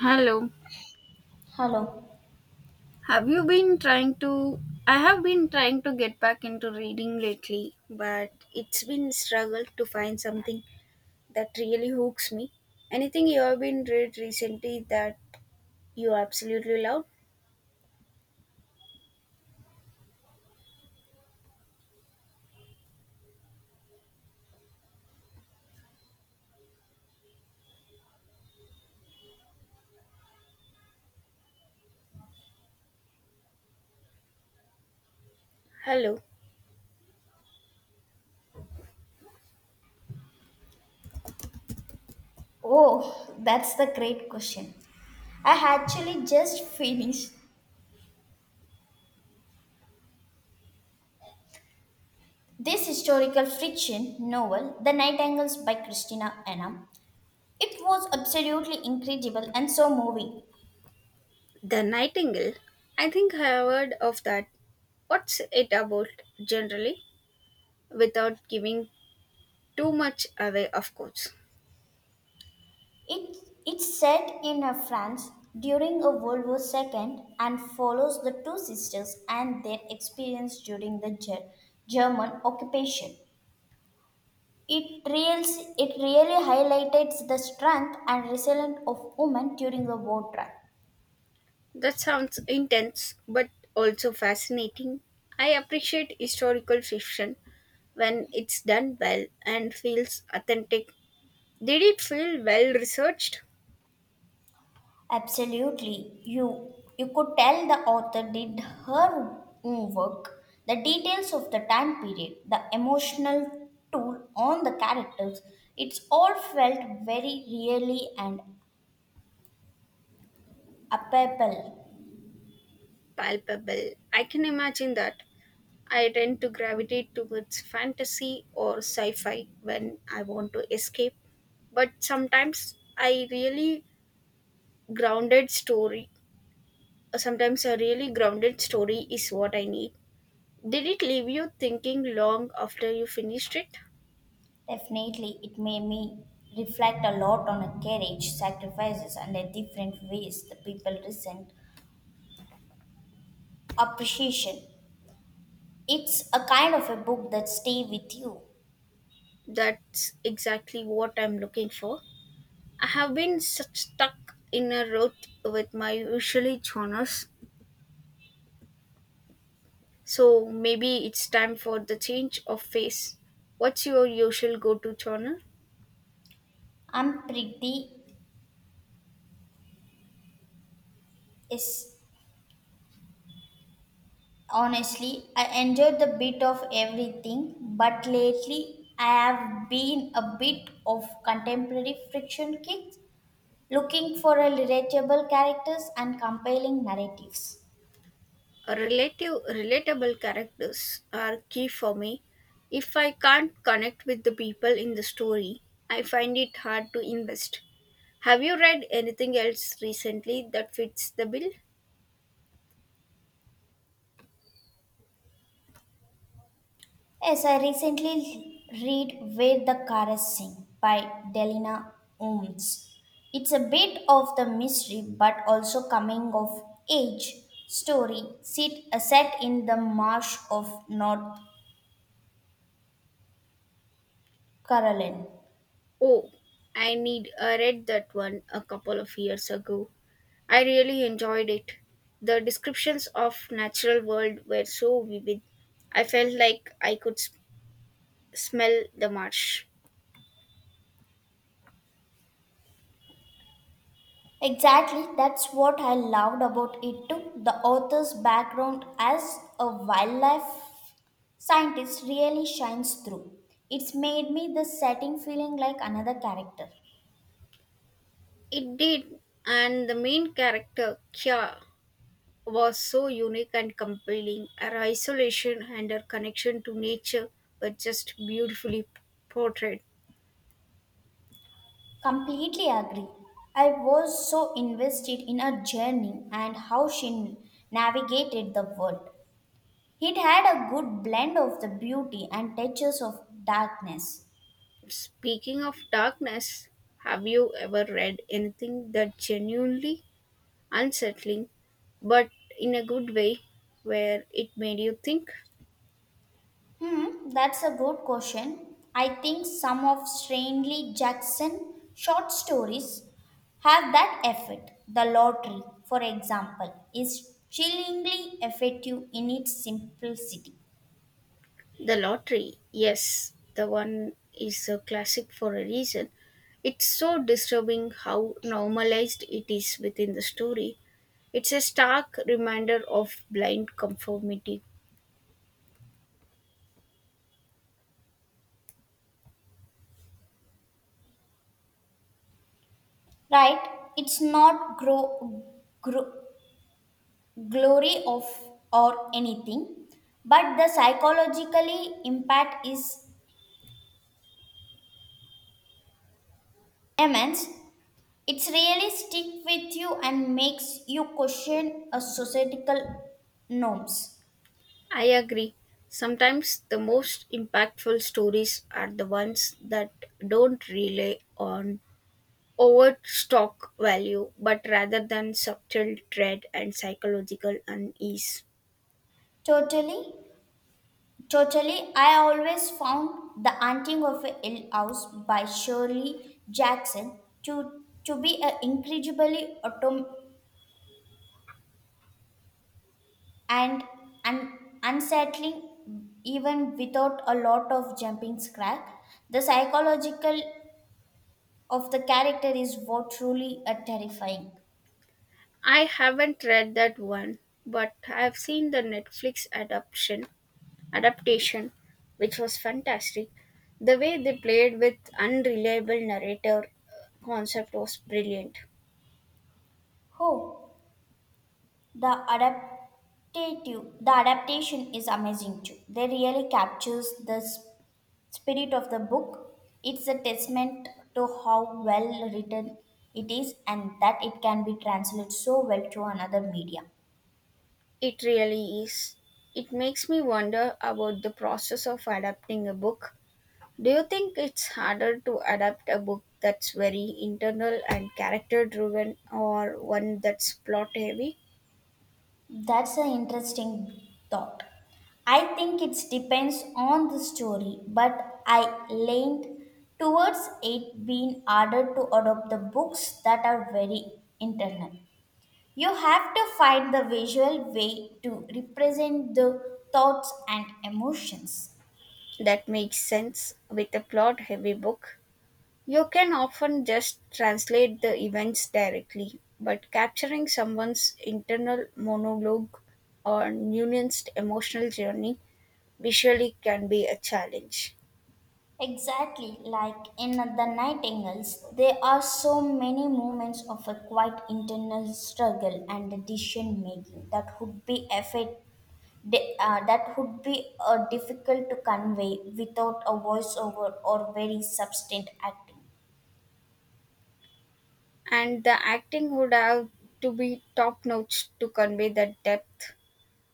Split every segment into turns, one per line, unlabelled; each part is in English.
Hello.
Hello.
Have you been trying to? I have been trying to get back into reading lately, but it's been struggle to find something that really hooks me. Anything you have been read recently that you absolutely love? Hello.
Oh, that's the great question. I actually just finished this historical fiction novel, The Nightingales by Christina Anam. It was absolutely incredible and so moving.
The Nightingale. I think I have heard of that. What's it about generally? Without giving too much away, of course.
It it's set in a France during a World War II and follows the two sisters and their experience during the German occupation. It, reals, it really highlighted the strength and resilience of women during the war.
That sounds intense but also fascinating. I appreciate historical fiction when it's done well and feels authentic. Did it feel well researched?
Absolutely. You could tell the author did her own work. The details of the time period, the emotional toll on the characters, it's all felt very really and palpable.
Palpable. I can imagine that. I tend to gravitate towards fantasy or sci fi when I want to escape, but sometimes I really grounded story. Sometimes a really grounded story is what I need. Did it leave you thinking long after you finished it?
Definitely, it made me reflect a lot on a courage, sacrifices, and the different ways the people resent appreciation. It's a kind of a book that stay with you.
That's exactly what I'm looking for. I have been such stuck in a rut with my usually genres, so maybe it's time for the change of phase. What's your usual go-to genre?
I'm pretty is Honestly, I enjoyed the bit of everything, but lately I have been a bit of contemporary friction kicks, looking for a relatable characters and compelling narratives.
Relative relatable characters are key for me. If I can't connect with the people in the story, I find it hard to invest. Have you read anything else recently that fits the bill?
Yes, I recently read Where the Chorus Sing by Delina Ooms. It's a bit of the mystery but also coming of age set in the marsh of North Carolina.
Oh, I read that one a couple of years ago. I really enjoyed it. The descriptions of natural world were so vivid. I felt like I could smell the marsh.
Exactly, that's what I loved about it too. The author's background as a wildlife scientist really shines through. It's made me the setting feeling like another character.
It did, and the main character Kya was so unique and compelling. Her isolation and her connection to nature were just beautifully portrayed.
Completely agree. I was so invested in her journey and how she navigated the world. It had a good blend of the beauty and touches of darkness.
Speaking of darkness, have you ever read anything that genuinely unsettling, but in a good way, where it made you think.
That's a good question. I think some of Strangely Jackson short stories have that effect. The lottery, for example, is chillingly effective in its simplicity.
The lottery, yes, the one is a classic for a reason. It's so disturbing how normalized it is within the story. It's a stark reminder of blind conformity.
Right? It's not glory of or anything, but the psychologically impact is immense. It's really stick with you and makes you question a societal norms.
I agree. Sometimes the most impactful stories are the ones that don't rely on overstock value, but rather than subtle dread and psychological unease.
Totally, totally. I always found the haunting of a Hill House by Shirley Jackson to be an incredibly autom and unsettling, even without a lot of jumping scare. The psychological of the character is what truly a terrifying.
I haven't read that one, but I've seen the Netflix adaptation, which was fantastic. The way they played with unreliable narrator concept was brilliant.
Oh, the adaptation is amazing too. They really captures the spirit of the book. It's a testament to how well written it is and that it can be translated so well to another media.
It really is. It makes me wonder about the process of adapting a book. Do you think it's harder to adapt a book that's very internal and character driven or one that's plot heavy?
That's an interesting thought. I think it depends on the story, but I leaned towards it being harder to adopt the books that are very internal. You have to find the visual way to represent the thoughts and emotions.
That makes sense with a plot heavy book. You can often just translate the events directly, but capturing someone's internal monologue or nuanced emotional journey visually can be a challenge.
Exactly, like in The Nightingales, there are so many moments of a quiet internal struggle and decision making that would be that would be difficult to convey without a voiceover or very substantive acting.
And the acting would have to be top notch to convey that depth.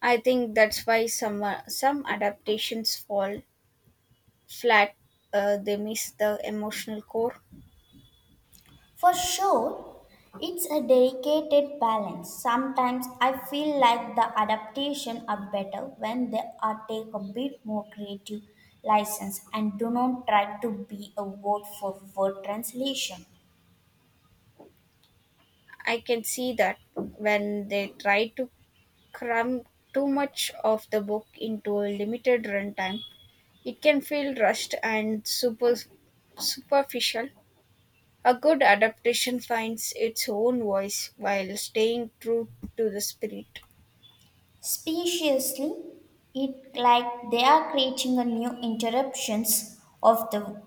I think that's why some adaptations fall flat. They miss the emotional core.
For sure, it's a delicate balance. Sometimes I feel like the adaptations are better when they are take a bit more creative license and do not try to be a word for word translation.
I can see that when they try to cram too much of the book into a limited runtime, it can feel rushed and superficial. A good adaptation finds its own voice while staying true to the spirit.
Speciously, it like they are creating a new interruptions of the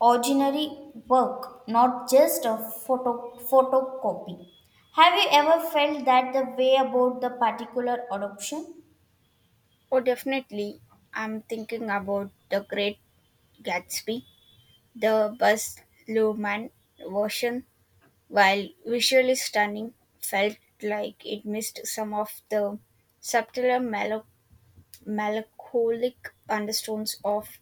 ordinary work, not just a photocopy. Have you ever felt that the way about the particular adoption?
Oh, definitely. I'm thinking about the Great Gatsby. The Baz Luhrmann version, while visually stunning, felt like it missed some of the subtler melancholic undertones of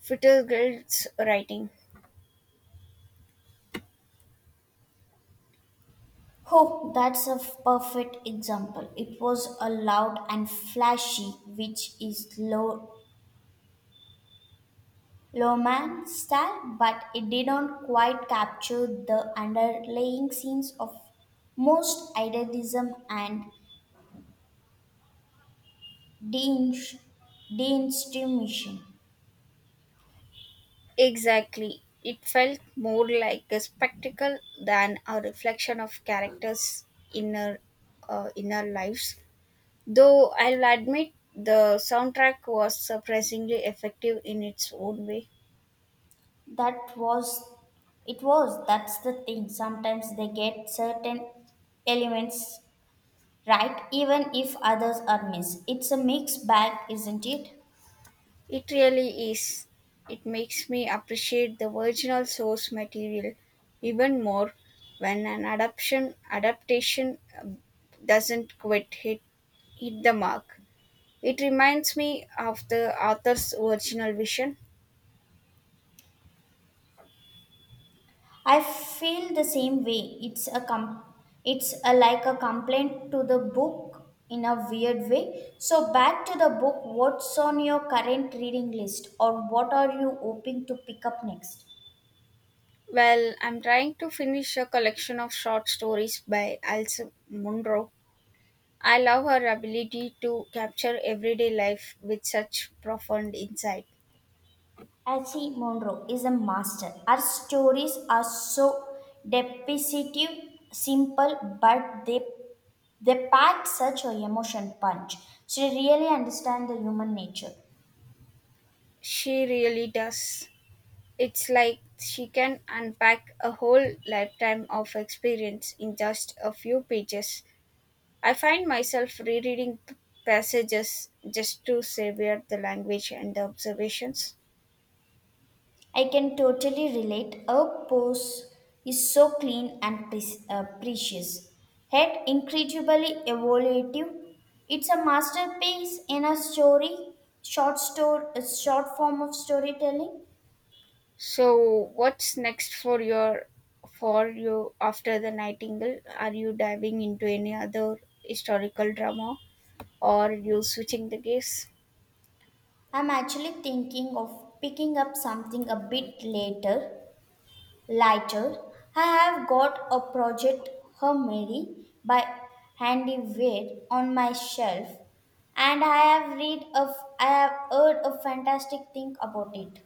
Fitzgerald's writing.
Oh, that's a perfect example. It was a loud and flashy, which is low Loman style, but it didn't quite capture the underlying scenes of most idealism and deinst- deinstitution.
Exactly. It felt more like a spectacle than a reflection of characters' inner inner lives. Though I'll admit the soundtrack was surprisingly effective in its own way.
That was it was that's the thing. Sometimes they get certain elements right, even if others are missed. It's a mixed bag, isn't it?
It really is. It makes me appreciate the original source material even more when an adaptation doesn't quite hit the mark. It reminds me of the author's original vision.
I feel the same way. It's a, like a complaint to the book in a weird way. So back to the book. What's on your current reading list, or what are you hoping to pick up next?
Well, I'm trying to finish a collection of short stories by Alice Munro. I love her ability to capture everyday life with such profound insight.
Archie Monroe is a master. Her stories are so depicative, simple, but they pack such a emotion punch. She really understands the human nature.
She really does. It's like she can unpack a whole lifetime of experience in just a few pages. I find myself rereading passages just to savor the language and the observations.
I can totally relate. Our pose is so clean and precious, yet incredibly evocative. It's a masterpiece in a short short form of storytelling.
So, what's next for your for you after the Nightingale? Are you diving into any other historical drama or you switching the gears?
I'm actually thinking of picking up something a bit Later, I have got a project Her Mary by Handy Wade on my shelf, and I have heard a fantastic thing about it.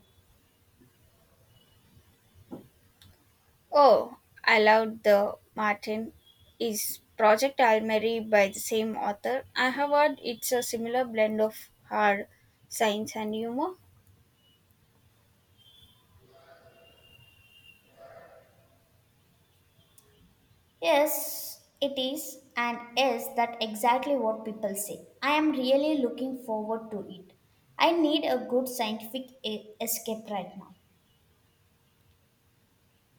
Oh, I loved the Martin is Project Almeri by the same author. I have heard it's a similar blend of hard science and humor.
Yes, it is, and is that exactly what people say. I am really looking forward to it. I need a good scientific escape right now.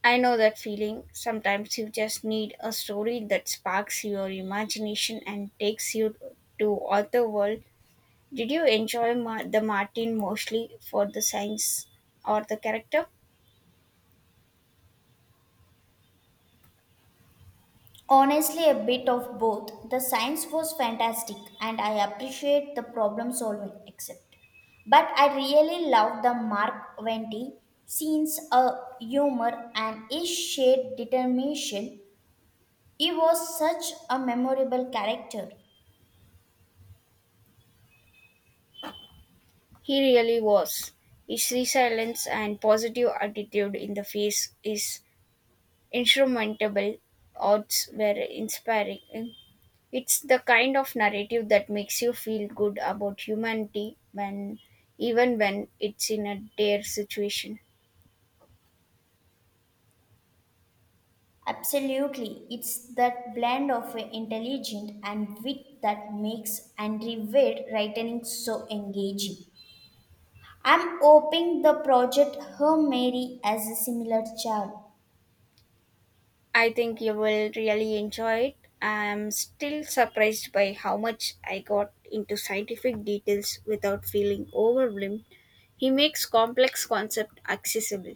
I know that feeling. Sometimes you just need a story that sparks your imagination and takes you to other world. Did you enjoy the Martin mostly for the science or the character?
Honestly, a bit of both. The science was fantastic and I appreciate the problem solving, except. But I really love the Mark Venti scenes, a humor, and his shared determination. He was such a memorable character.
He really was. His resilience and positive attitude in the face is insurmountable odds were inspiring. It's the kind of narrative that makes you feel good about humanity when even when it's in a dire situation.
Absolutely, it's that blend of intelligent and wit that makes Andrew Wade writing so engaging. I'm hoping the project Her Mary has a similar charm.
I think you will really enjoy it. I'm still surprised by how much I got into scientific details without feeling overwhelmed. He makes complex concepts accessible.